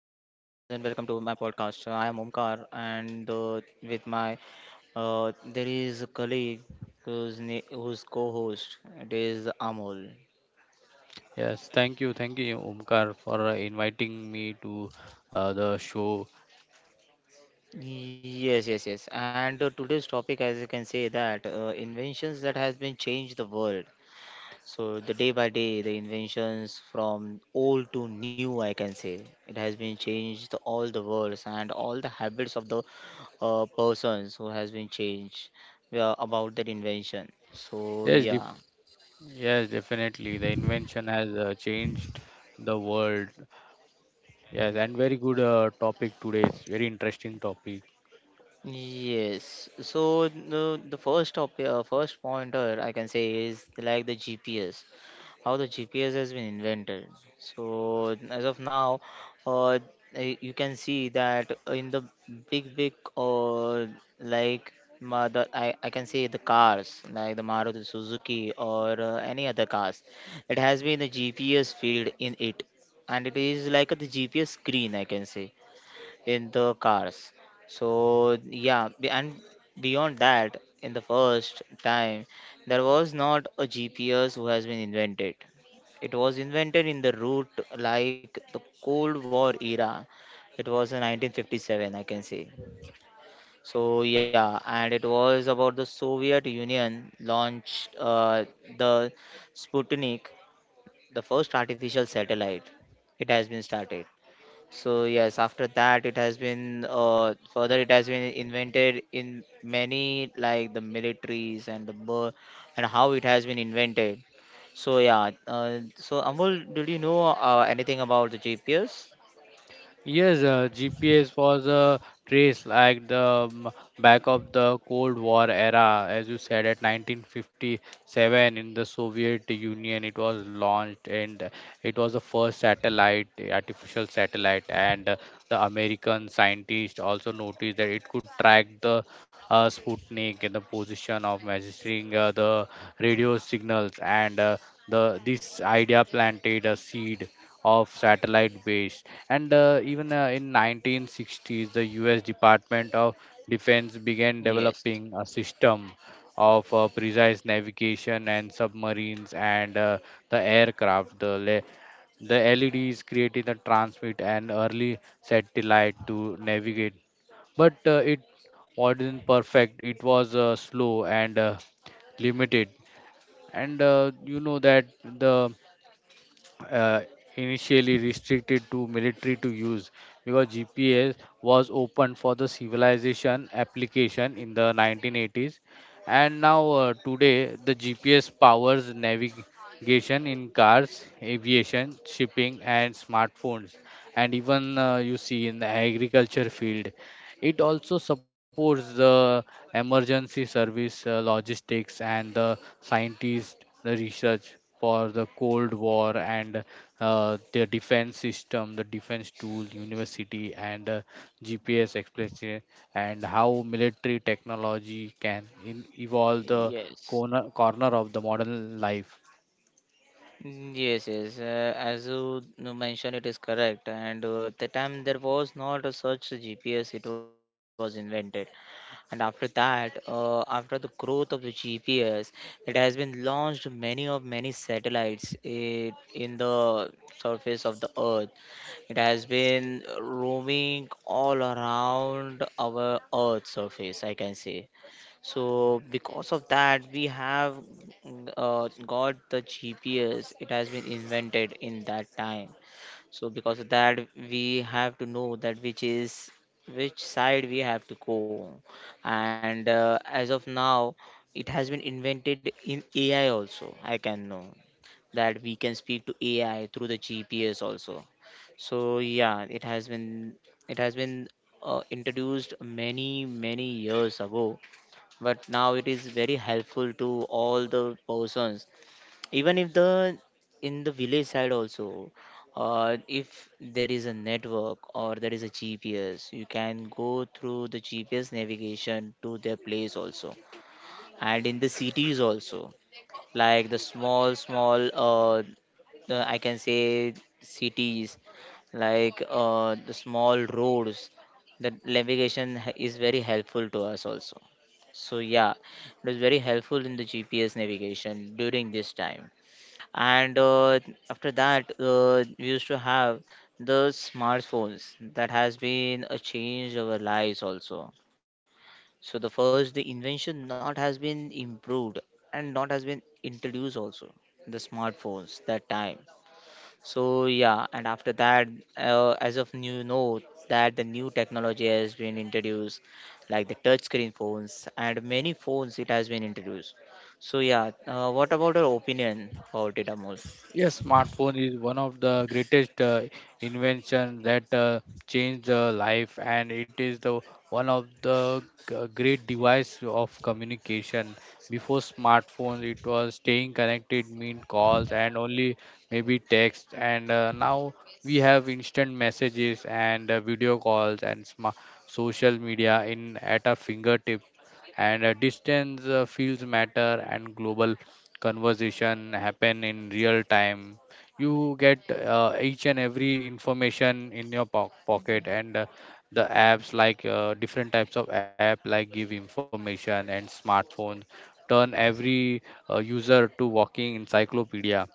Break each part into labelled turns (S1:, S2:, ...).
S1: to my podcast. I am Omkar, and with my there is a colleague who's co-host. It is Amol.
S2: Yes, thank you, Omkar, for inviting me to the show.
S1: Yes, yes, yes. And today's topic, as you can say, that inventions that has been changed the world. So the day by day, the inventions from old to new, I can say, it has been changed all the worlds and all the habits of the persons who has been changed about that invention. So
S2: Yes, def
S1: yeah,
S2: yes, definitely. The invention has changed the world. Yes, and very good topic today. It's very interesting topic.
S1: yes. So the first topic, first pointer I can say is like the GPS. How the GPS has been invented. So as of now, uh, you can see that in the big like the, I can say the cars like the Maruti Suzuki or any other cars, it has been the GPS field in it, and it is like the GPS screen I can say in the cars. So yeah, and beyond that, in the first time, there was not a GPS who has been invented. It was invented in the route like the Cold War era. It was in 1957, I can say. So yeah, and it was about the Soviet Union launched the Sputnik, the first artificial satellite. It has been started. So yes, after that it has been further it has been invented in many like the militaries and and how it has been invented. So yeah, so Amul, did you know anything about the GPS?
S2: Yes, GPS was a trace like the um, back of the Cold War era, as you said, at 1957 in the Soviet Union. It was launched, and it was the first satellite, artificial satellite, and the American scientists also noticed that it could track the Sputnik in the position of measuring the radio signals, and the this idea planted a seed of satellite base. And even in 1960s the US Department of Defense began
S1: Yes,
S2: developing a system of precise navigation and submarines and the aircraft the le- the LEDs created the transmit an early satellite to navigate. But it wasn't perfect. It was slow and limited. And you know that the uh, initially restricted to military to use because GPS was open for the civilization application in the 1980s. And now today the GPS powers navigation in cars, aviation, shipping, and smartphones. And even you see in the agriculture field, it also supports the emergency service, logistics, and the scientists, the research for the cold war, and the defense system, the defense tool, university, and GPS explanation, and how military technology can evolve the
S1: yes.
S2: corner of the modern life.
S1: Mm, yes, yes. As you mentioned, it is correct. And the time there was not a such a GPS, it was invented. And after that, after the growth of the GPS, it has been launched many of many satellites it, in the surface of the Earth. It has been roaming all around our Earth surface, I can say. So because of that, we have got the GPS. It has been invented in that time, so because of that, we have to know that which is which side we have to go. And as of now, it has been invented in AI also. I can know that we can speak to AI through the GPS also. So yeah, it has been it has been introduced many years ago, but now it is very helpful to all the persons even if the in the village side also, if there is a network or there is a GPS, you can go through the GPS navigation to their place also, and in the cities also, like the small the, I can say cities, like the small roads, the navigation is very helpful to us also. So yeah, it was very helpful in the GPS navigation during this time. And after that, we used to have the smartphones that has been a change our lives also. So the first the invention not has been improved and not has been introduced also the smartphones that time. So yeah, and after that, as of new know that the new technology has been introduced, like the touch screen phones and many phones it has been introduced. So yeah, what about your opinion about it, Amol?
S2: Yes, smartphone is one of the greatest invention that changed the life, and it is the one of the great device of communication. Before smartphone, it was staying connected meant calls and only maybe text, and now we have instant messages and video calls and sma social media in at our fingertips. And distance feels matter and global conversation happen in real time. You get each and every information in your pocket. And the apps like different types of app like give information, and smartphones turn every user to walking encyclopedia.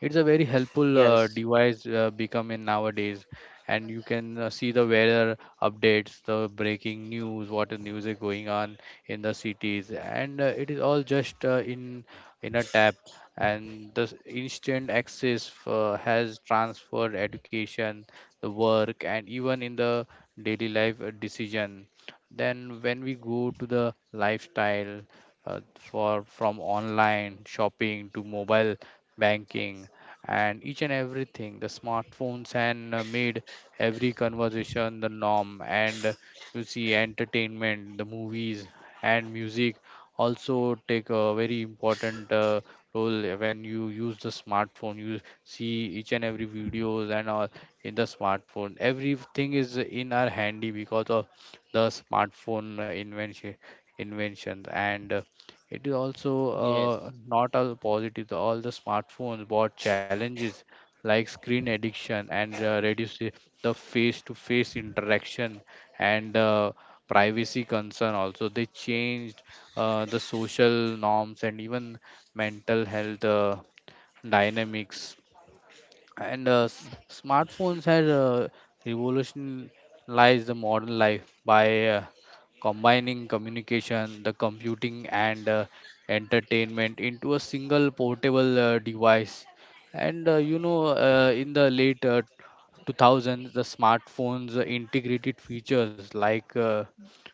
S2: It's a very helpful
S1: Yes,
S2: device becoming nowadays. And you can see the weather updates, the breaking news, what is music going on in the cities. And it is all just in a tap. And the instant access has transferred education, the work, and even in the daily life decision. Then when we go to the lifestyle, for from online shopping to mobile banking and each and everything, the smartphones and made every conversation the norm. And you see entertainment, the movies and music also take a very important role. When you use the smartphone, you see each and every videos and all in the smartphone. Everything is in our handy because of the smartphone invention, inventions and it is also
S1: yes,
S2: not all positive. All the smartphones brought challenges like screen addiction and reduce the face to face interaction. And privacy concern also, they changed the social norms and even mental health dynamics. And smartphones have revolutionized the modern life by combining communication, the computing, and entertainment into a single portable device. And you know, in the late 2000s the smartphones integrated features like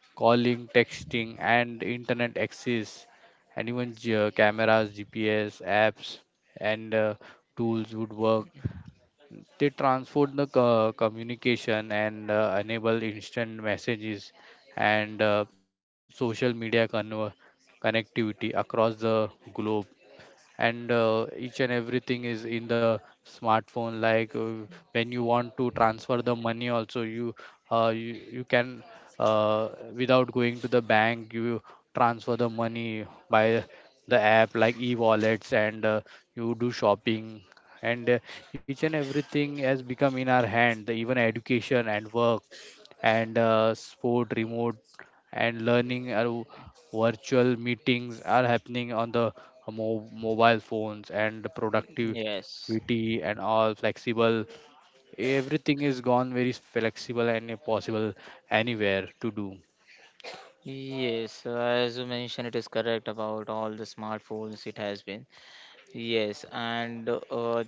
S2: calling, texting, and internet access, and even cameras, GPS, apps, and tools would work. They transform the communication and enable instant messages and social media connectivity across the globe. And each and everything is in the smartphone. Like when you want to transfer the money also, you you can uh, without going to the bank, you transfer the money by the app like e-wallets. And you do shopping. And each and everything has become in our hand. The even education and work and sport remote and learning or virtual meetings are happening on the mobile phones, and
S1: yes,
S2: productivity and all flexible, everything is gone very flexible and possible anywhere to do.
S1: yes. As you mentioned, it is correct about all the smartphones. It has been yes, and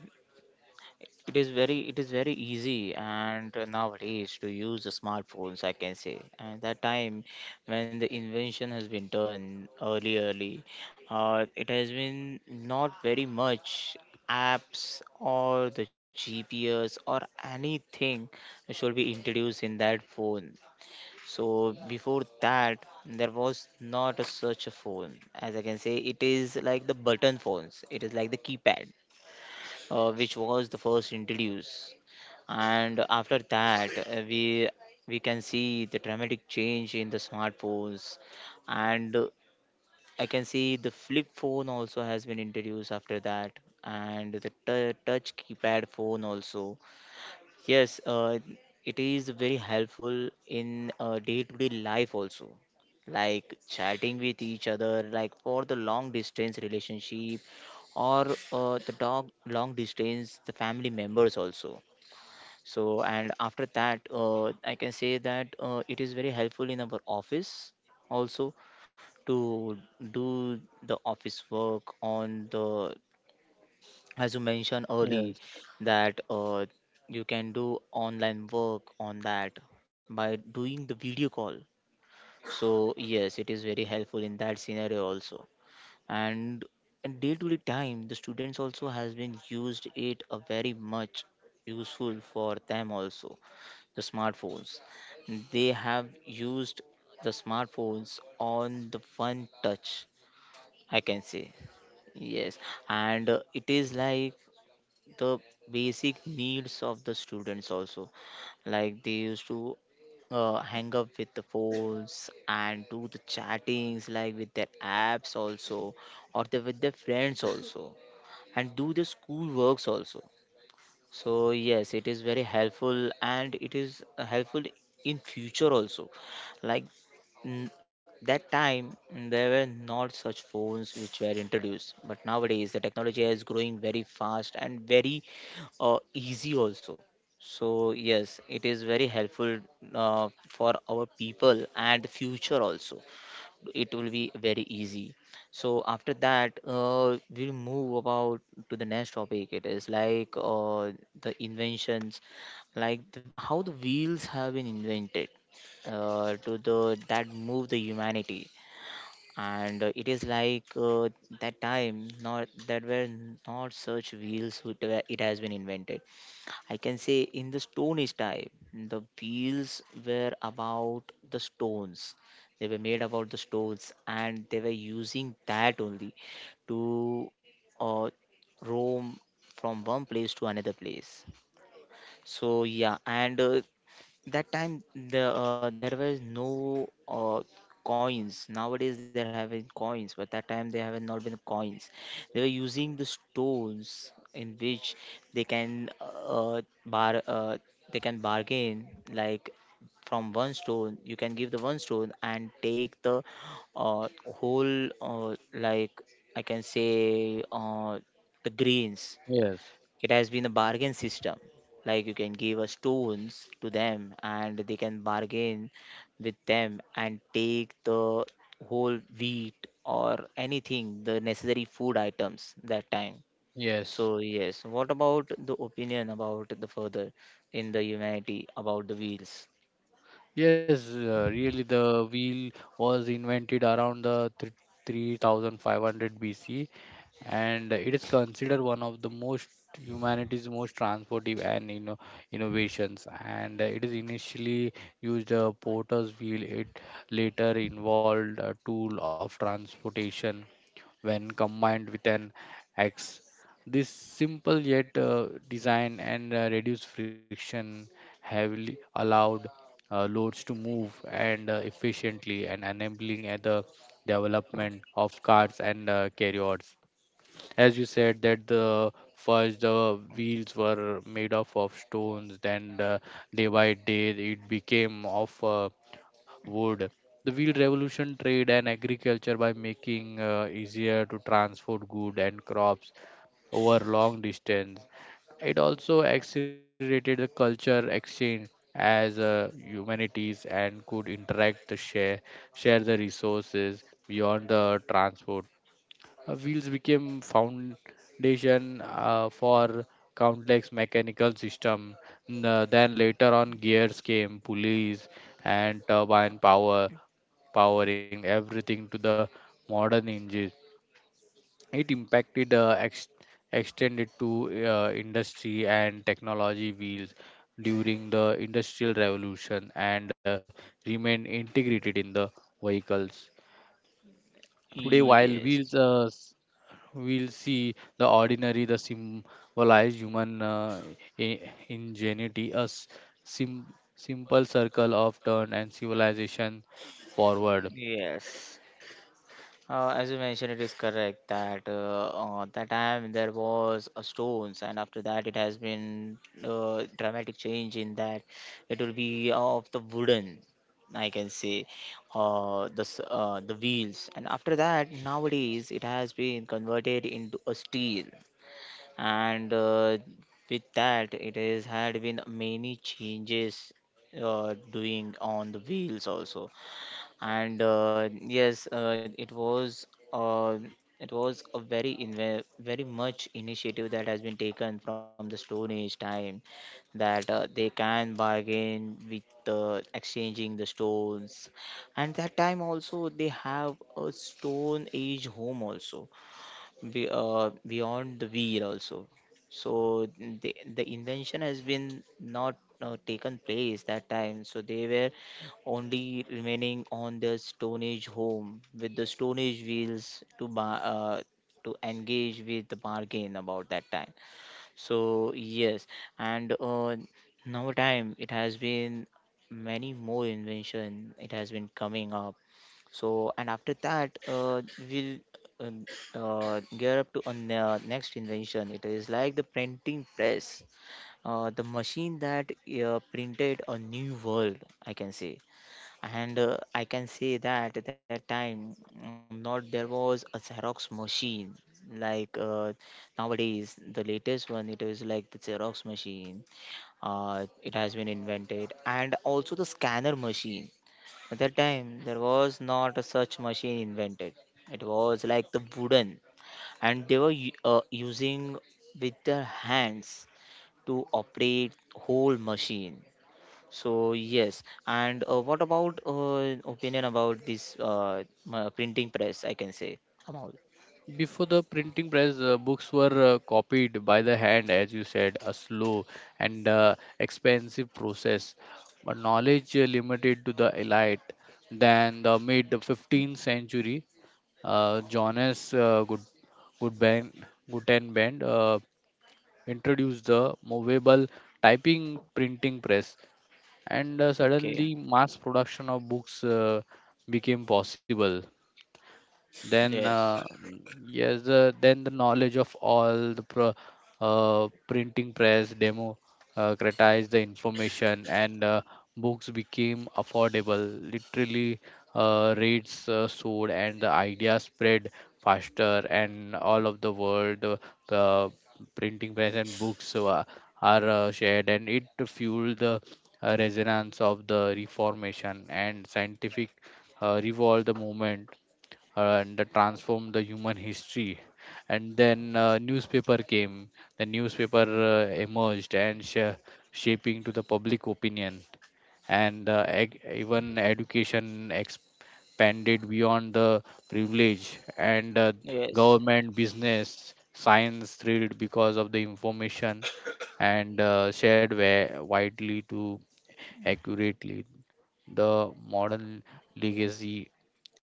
S1: it is very easy and nowadays to use the smartphones. I can say, and that time when the invention has been done early, it has been not very much apps or the GPS or anything should be introduced in that phone. So before that, there was not a such a phone. As I can say, it is like the button phones. It is like the keypad, which was the first introduced. And after that, we can see the dramatic change in the smartphones, and I can see the flip phone also has been introduced after that, and the touch keypad phone also. Yes, it is very helpful in day-to-day life also. Like chatting with each other, like for the long distance relationship or the dog long distance, the family members also. So, and after that, I can say that it is very helpful in our office also, to do the office work on the, as you mentioned early,
S2: Yes.
S1: that you can do online work on that by doing the video call. So yes, it is very helpful in that scenario also. And in day to day time, the students also has been used it a very much useful for them also, the smartphones. They have used the smartphones on the one touch, I can say. Yes, and it is like the basic needs of the students also, like they used to hang up with the phones and do the chattings like with their apps also, or they with their friends also, and do the school works also. So yes, it is very helpful and it is helpful in future also, like mm, that time, there were not such phones which were introduced, but nowadays the technology is growing very fast and very easy also. So yes, it is very helpful for our people and future also. It will be very easy. So after that, we'll move about to the next topic. It is like the inventions, like the, how the wheels have been invented to the that move the humanity. And it is like that time not that were not such wheels it has been invented, I can say, in the Stone Age time, the wheels were about the stones. They were made about the stones, and they were using that only to uh, roam from one place to another place. So yeah, and that time the there was no coins, nowadays they're having coins, but that time they have not been coins. They were using the stones in which they can bar they can bargain, like from one stone you can give the one stone and take the uh, whole like I can say the greens.
S2: Yes.
S1: It has been a bargain system, like you can give us stones to them and they can bargain with them and take the whole wheat or anything the necessary food items that time. So
S2: Yes.
S1: yes, what about the opinion about the further in the humanity about the wheels?
S2: Yes, really, the wheel was invented around the 3500 BC, and it is considered one of the most humanity's most transportive and you innovations. And it is initially used a porter's wheel. It later involved a tool of transportation when combined with an axe. This simple yet design and reduced friction heavily allowed loads to move and efficiently, and enabling the development of carts and carryouts. As you said, that the first the wheels were made up of stones, then day by day it became of wood. The wheel revolution trade and agriculture by making easier to transport goods and crops over long distance. It also accelerated the culture exchange, as humanities and could interact, the share the resources beyond the transport. Wheels became foundation for countless mechanical system. Then later on, gears came, pulleys, and turbine power, powering everything to the modern engines. It impacted extended to industry and technology. Wheels during the industrial revolution and remained integrated in the vehicles. Today, while
S1: Yes,
S2: wheels we'll see the ordinary, the symbolized human i- ingenuity, a simple circle of turn and civilization forward.
S1: yes. As you mentioned, it is correct that that time there was a stones, and after that it has been dramatic change in that. It will be of the wooden, I can say, the wheels, and after that nowadays it has been converted into a steel, and with that it has had been many changes doing on the wheels also. And yes, uh, it was a very much initiative that has been taken from the Stone Age time, that they can bargain with exchanging the stones, and that time also they have a Stone Age home also, beyond the wheel also. So the invention has been not taken place that time. So they were only remaining on the Stone Age home with the Stone Age wheels to to engage with the bargain about that time. So yes, and now time it has been many more invention it has been coming up. So, and after that, we'll um, gear up to a next invention. It is like the printing press, the machine that printed a new world, I can say. And I can say that at that time, not there was a Xerox machine, like nowadays the latest one, it is like the Xerox machine, it has been invented and also the scanner machine. At that time, there was not a such machine invented. It was like the wooden, and they were using with their hands to operate whole machine. So yes, and what about opinion about this printing press? I can say, Amal.
S2: Before the printing press, books were copied by the hand, as you said, a slow and expensive process. But knowledge limited to the elite. Then the mid 15th century, Johannes Goodband, Gutenberg, introduced the movable typing printing press, and
S1: Okay.
S2: suddenly mass production of books became possible. then
S1: Yes.
S2: uh, mm, yes the, then the knowledge of printing press democratized the information. And books became affordable, literally rates soared, and the idea spread faster and all of the world. The printing press and books are shared, and it fueled the resonance of the reformation and scientific revolve the movement, and transformed the human history. And then newspaper came. The newspaper emerged and shaping to the public opinion. And even education expanded beyond the privilege. And
S1: Yes.
S2: government, business, science thrilled because of the information. And shared widely to accurately the modern legacy.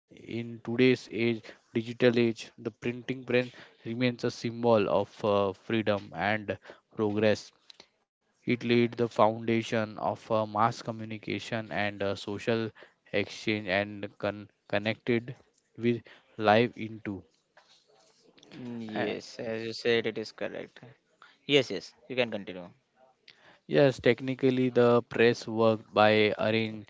S2: In today's age, digital age, the printing press remains a symbol of freedom and progress. It laid the foundation of mass communication and social exchange, and connected with life into.
S1: Mm, yes. As you said, it is correct. Yes. Yes. You can continue.
S2: Yes, technically the press worked by arranging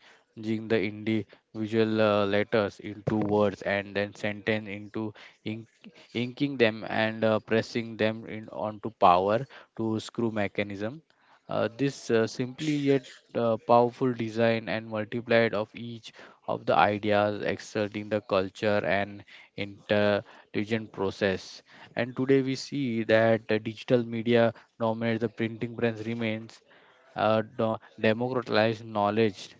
S2: the individual letters into words, and then sentence into ink, inking them and pressing them in onto power to screw mechanism. This simply yet powerful design and multiplied of each of the ideas exerting the culture and intelligent process. And today we see that digital media dominates. The printing press remains democratized knowledge,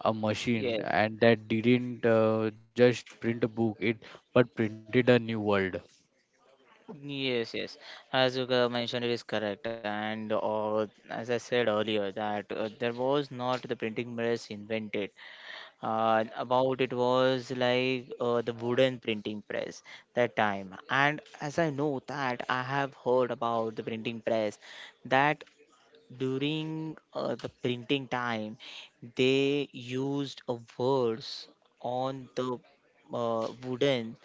S2: a machine, and that didn't just print a book, it but printed a new world.
S1: Yes, yes. As you mentioned, it is correct. And as I said earlier, that there was not the printing press invented. About it was like the wooden printing press that time. And as I know that I have heard about the printing press, that during the printing time they used a words on the wooden,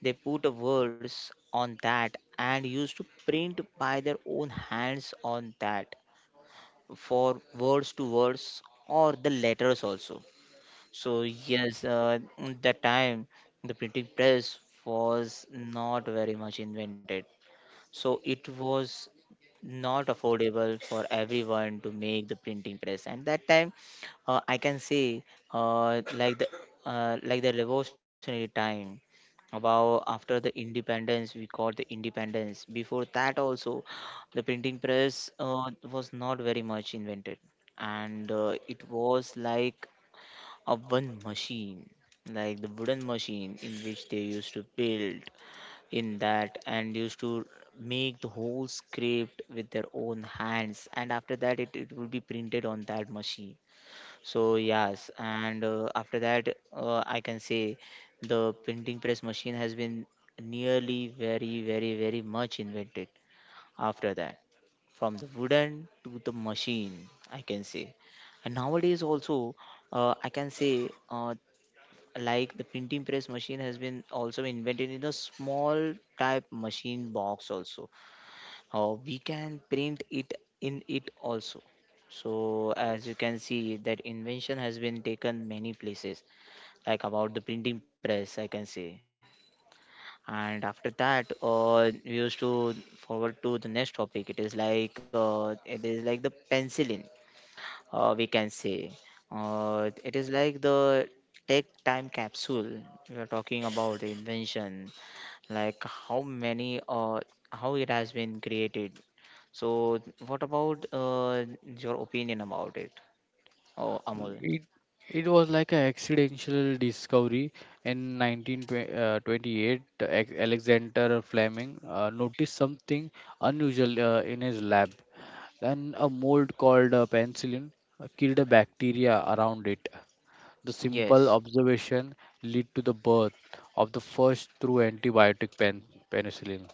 S1: they put a words on that and used to print by their own hands on that for words to words or the letters also. So yes, that time the printing press was not very much invented, so it was not affordable for everyone to make the printing press. And that time, I can say, uh, like the like the revolutionary time, about after the independence, we got the independence. Before that also the printing press was not very much invented, and it was like a one machine, like the wooden machine in which they used to build in that and used to make the whole script with their own hands, and after that it will be printed on that machine. So yes, and after that I can say the printing press machine has been nearly very much invented after that, from the wooden to the machine, I can say. And nowadays also, I can say, like the printing press machine has been also invented in a small type machine box also, how we can print it in it also. So as you can see, that invention has been taken many places, like about the printing press, I can say. And after that, we used to forward to the next topic. It is like it is like the penicillin, we can say. It is like the tech time capsule. We are talking about the invention, like how many how it has been created. So, what about your opinion about it, oh,
S2: Mm,
S1: Amol?
S2: it was like an accidental discovery in 1928. Alexander Fleming noticed something unusual in his lab, and a mold called penicillin killed a bacteria around it. The simple
S1: Yes,
S2: observation led to the birth of the first true antibiotic, penicillin.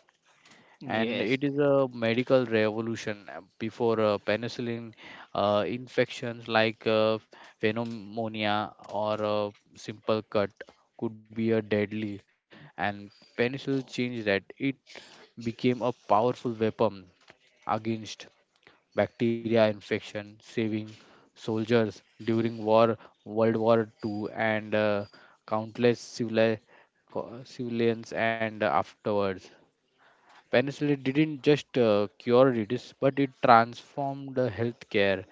S2: And
S1: yes,
S2: it is a medical revolution. Before penicillin, infections like pneumonia or a simple cut could be a deadly. And penicillin changed that. It became a powerful weapon against bacteria infection, saving soldiers during war, World War II, and countless civilians and afterwards. Penicillin didn't just cure disease, but it transformed the healthcare.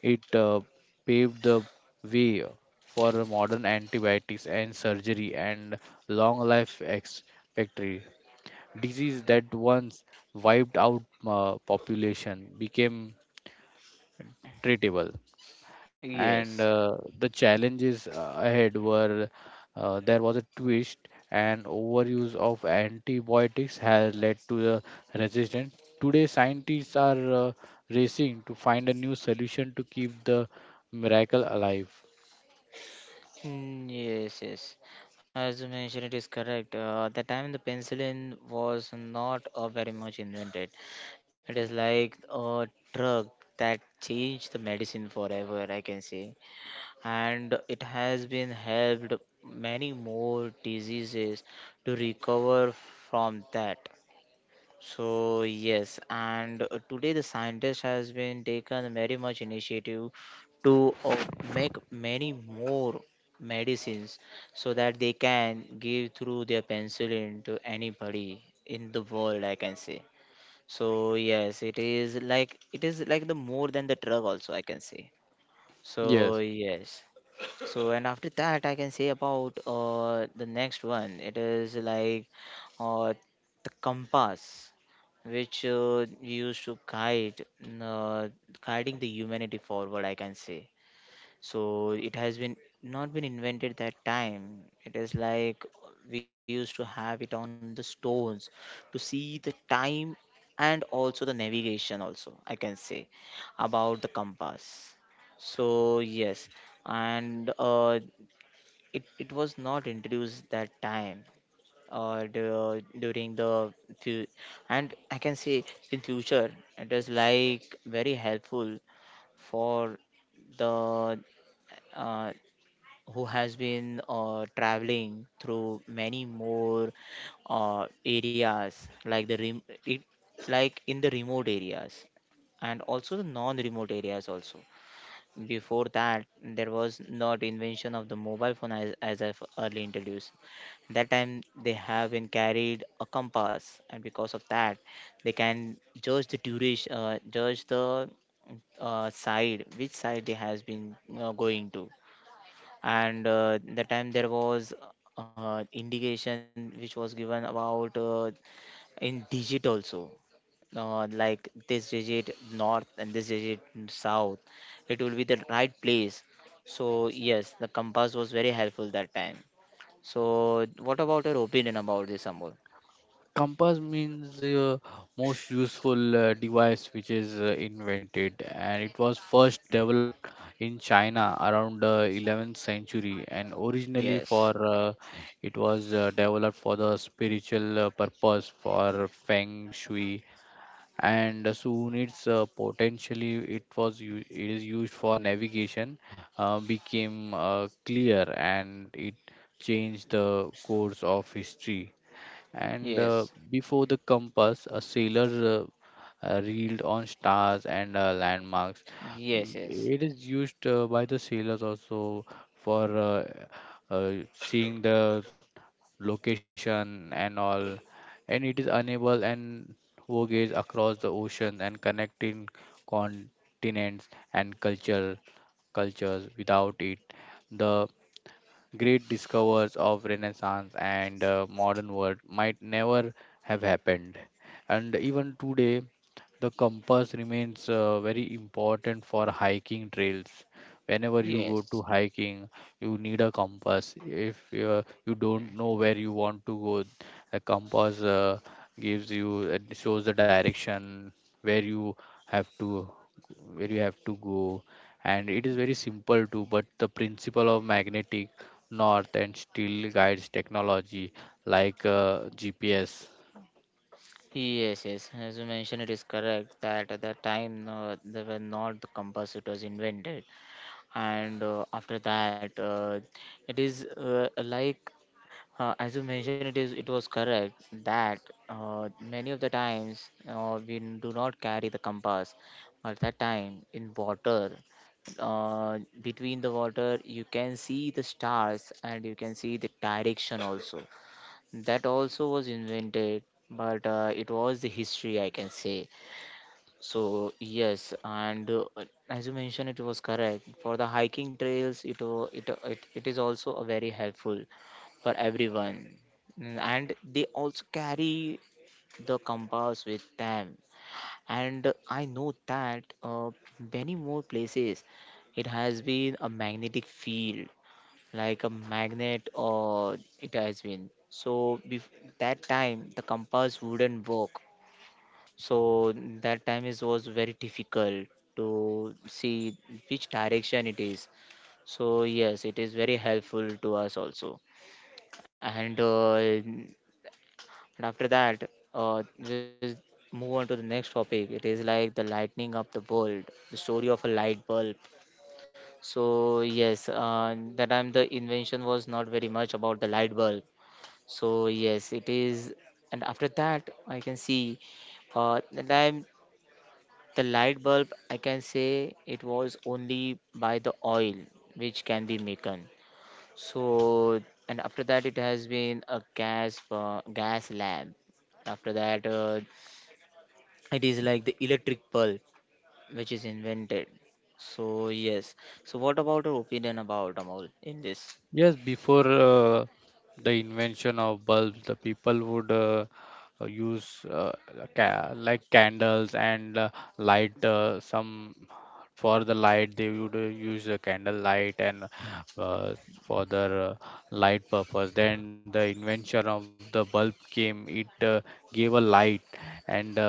S2: It paved the way for modern antibiotics and surgery and long life expectancy. Disease that once wiped out population became treatable. And
S1: yes.
S2: the challenges ahead were there was a twist, and overuse of antibiotics has led to the resistance. Today scientists are racing to find a new solution to keep the miracle alive.
S1: Mm, yes, yes. As you mentioned, it is correct. At the time, the penicillin was not very much invented. It is like a drug that changed the medicine forever, I can say. And it has been helped many more diseases to recover from that. So yes, and today the scientist has been taken very much initiative to make many more medicines, so that they can give through their penicillin to anybody in the world, I can say. So yes, it is like, it is like the more than the drug also, I can say. So
S2: Yes.
S1: yes. So and after that I can say about the next one, it is like uh the compass, which used to guide, uh, guiding the humanity forward, I can say. So it has been not been invented that time. It is like we used to have it on the stones to see the time and also the navigation also, I can say, about the compass. So yes, and it was not introduced that time, during the fu- and I can say in future it is like very helpful for the uh, who has been traveling through many more areas, like like in the remote areas and also the non-remote areas also. Before that there was not invention of the mobile phone, as I've early introduced. That time they have been carried a compass, and because of that they can judge the duration, judge the side, which side they has been going to. And the time there was indication which was given about in digit also, like this digit north and this digit south, it will be the right place. So yes, the compass was very helpful that time. So, what about your opinion about this, Amol?
S2: Compass means the most useful device which is invented, and it was first developed in China around the 11th century. And originally, for
S1: Yes,
S2: it was developed for the spiritual purpose for feng shui, and soon it's potentially it was it is used for navigation. Became clear, and it changed the course of history. And
S1: yes,
S2: before the compass, a sailor reeled on stars and landmarks. Mm,
S1: yes, yes,
S2: it is used by the sailors also for seeing the location and all. And it is unable and voyage across the ocean and connecting continents and cultures. Without it, the Great discoveries of Renaissance and modern world might never have happened. And even today, the compass remains very important for hiking trails. Whenever you go
S1: yes,
S2: to hiking, you need a compass. If you don't know where you want to go, the compass gives you, it shows the direction where you have to where you have to go. And it is very simple too, but the principle of magnetic north and still guides technology like GPS.
S1: yes, yes. As you mentioned, it is correct that at that time there were not the compass; it was invented. And after that, it is like as you mentioned, it is, it was correct that many of the times do not carry the compass. At that time, in water, between the water, you can see the stars and you can see the direction also. That also was invented, but it was the history, I can say. So yes, and as you mentioned, it was correct for the hiking trails. It wa- it is also a very helpful for everyone. Mm, and they also carry the compass with them. And I know that many more places it has been a magnetic field, like a magnet, or it has been. That time the compass wouldn't work. So that time is was very difficult to see which direction it is. So yes, it is very helpful to us also. And after that, just move on to the next topic. It is like the lightning of the world, the story of a light bulb. So yes, that time the invention was not very much about the light bulb. So yes, it is. And after that, I can see that time the light bulb, I can say, it was only by the oil which can be maken. So and after that, it has been a gas gas lamp, after that it is like the electric pulp which is invented. So yes. So what about your opinion about Amol in this?
S2: Yes, before the invention of bulbs, the people would use like candles and light some for the light they would use a candle light. And uh, for the light purpose, then the invention of the bulb came. It gave a light. And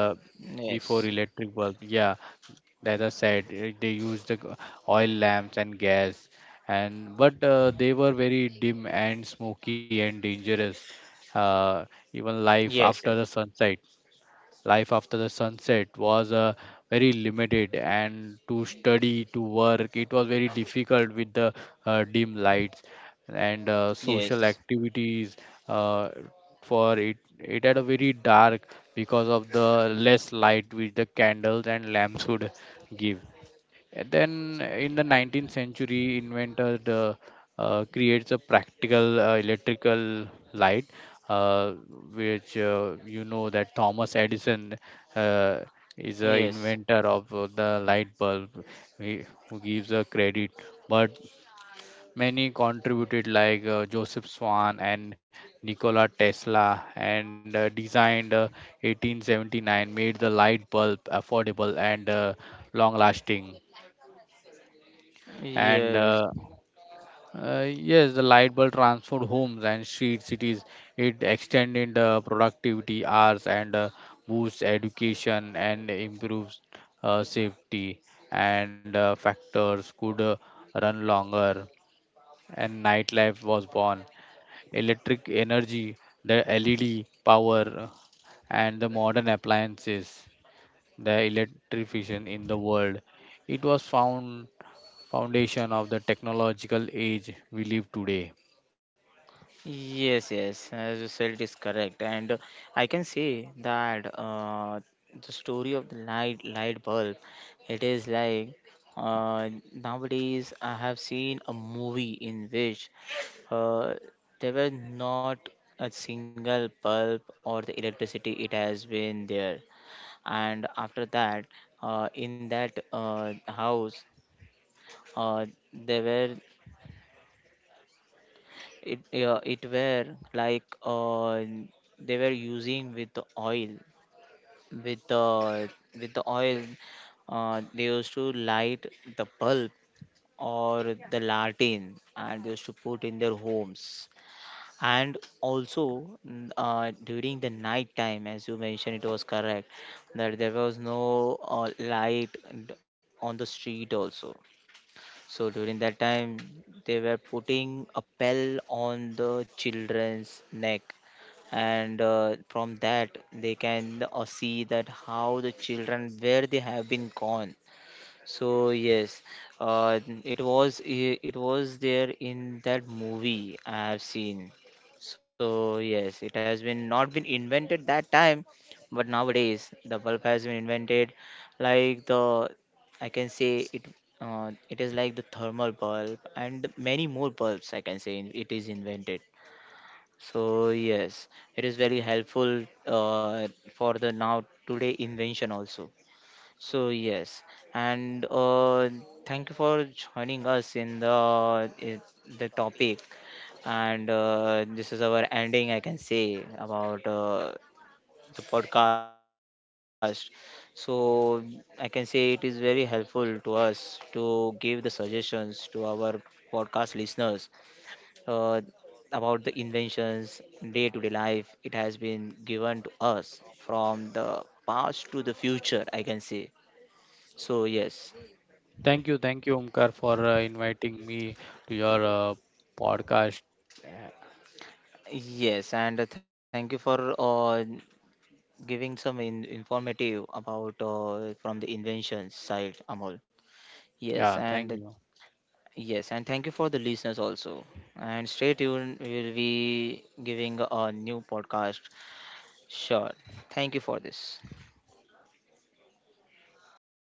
S2: before
S1: Yes.
S2: electric bulb, yeah, as I said, eh, they used the oil lamps and gas, and but they were very dim and smoky and dangerous. Uh, even life
S1: Yes.
S2: after the sunset Life after the sunset was very limited, and to study to work it was very difficult with the dim lights. And social
S1: Yes.
S2: activities uh, for it, it had a very dark because of the less light which the candles and lamps would give. And then in the 19th century inventor the, creates a practical electrical light, uh, which you know that Thomas Edison uh, is a
S1: Yes.
S2: inventor of the light bulb. He, who gives a credit, but many contributed like Joseph Swan and Nikola Tesla, and designed 1879 made the light bulb affordable and long lasting. And
S1: Yes. Yes.
S2: yes, the light bulb transformed homes and street cities. It extended productivity hours and boosts education and improves safety. And factors could run longer, and nightlife was born. Electric energy, the led power, and the modern appliances, the electrification in the world, it was found foundation of the technological age we live today.
S1: Yes, yes, as you said, it is correct. And I can say that the story of the light bulb, it is like, nowadays I have seen a movie in which uh, there were not a single bulb or the electricity it has been there. And after that, in that house, uh, there were, it were like, they were using with the oil, with the, with the oil, they used to light the bulb or the lantern, and they used to put in their homes. And also, mm, during the night time, as you mentioned, it was correct, that there was no light d- on the street also. So during that time, they were putting a bell on the children's neck, and from that they can see that how the children where they have been gone. So yes, it was there in that movie I have seen. So yes, it has been not been invented that time, but nowadays the bulb has been invented. Like the, I can say it, it is like the thermal bulb and many more bulbs, I can say, it is invented. So yes, it is very helpful uh, for the now today invention also. So yes, and thank you for joining us in the topic. And this is our ending, I can say, about the podcast. So I can say it is very helpful to us to give the suggestions to our podcast listeners uh, about the inventions, day-to-day life. It has been given to us from the past to the future, I can say. So yes.
S2: Thank you, Omkar, for inviting me to your podcast.
S1: Yes, and thank you for giving some in informative about from the invention side, Amol.
S2: Yeah,
S1: Yes,
S2: thank you.
S1: and yes, and thank you for the listeners also. And stay tuned, we will be giving a new podcast. Sure. Thank you for this.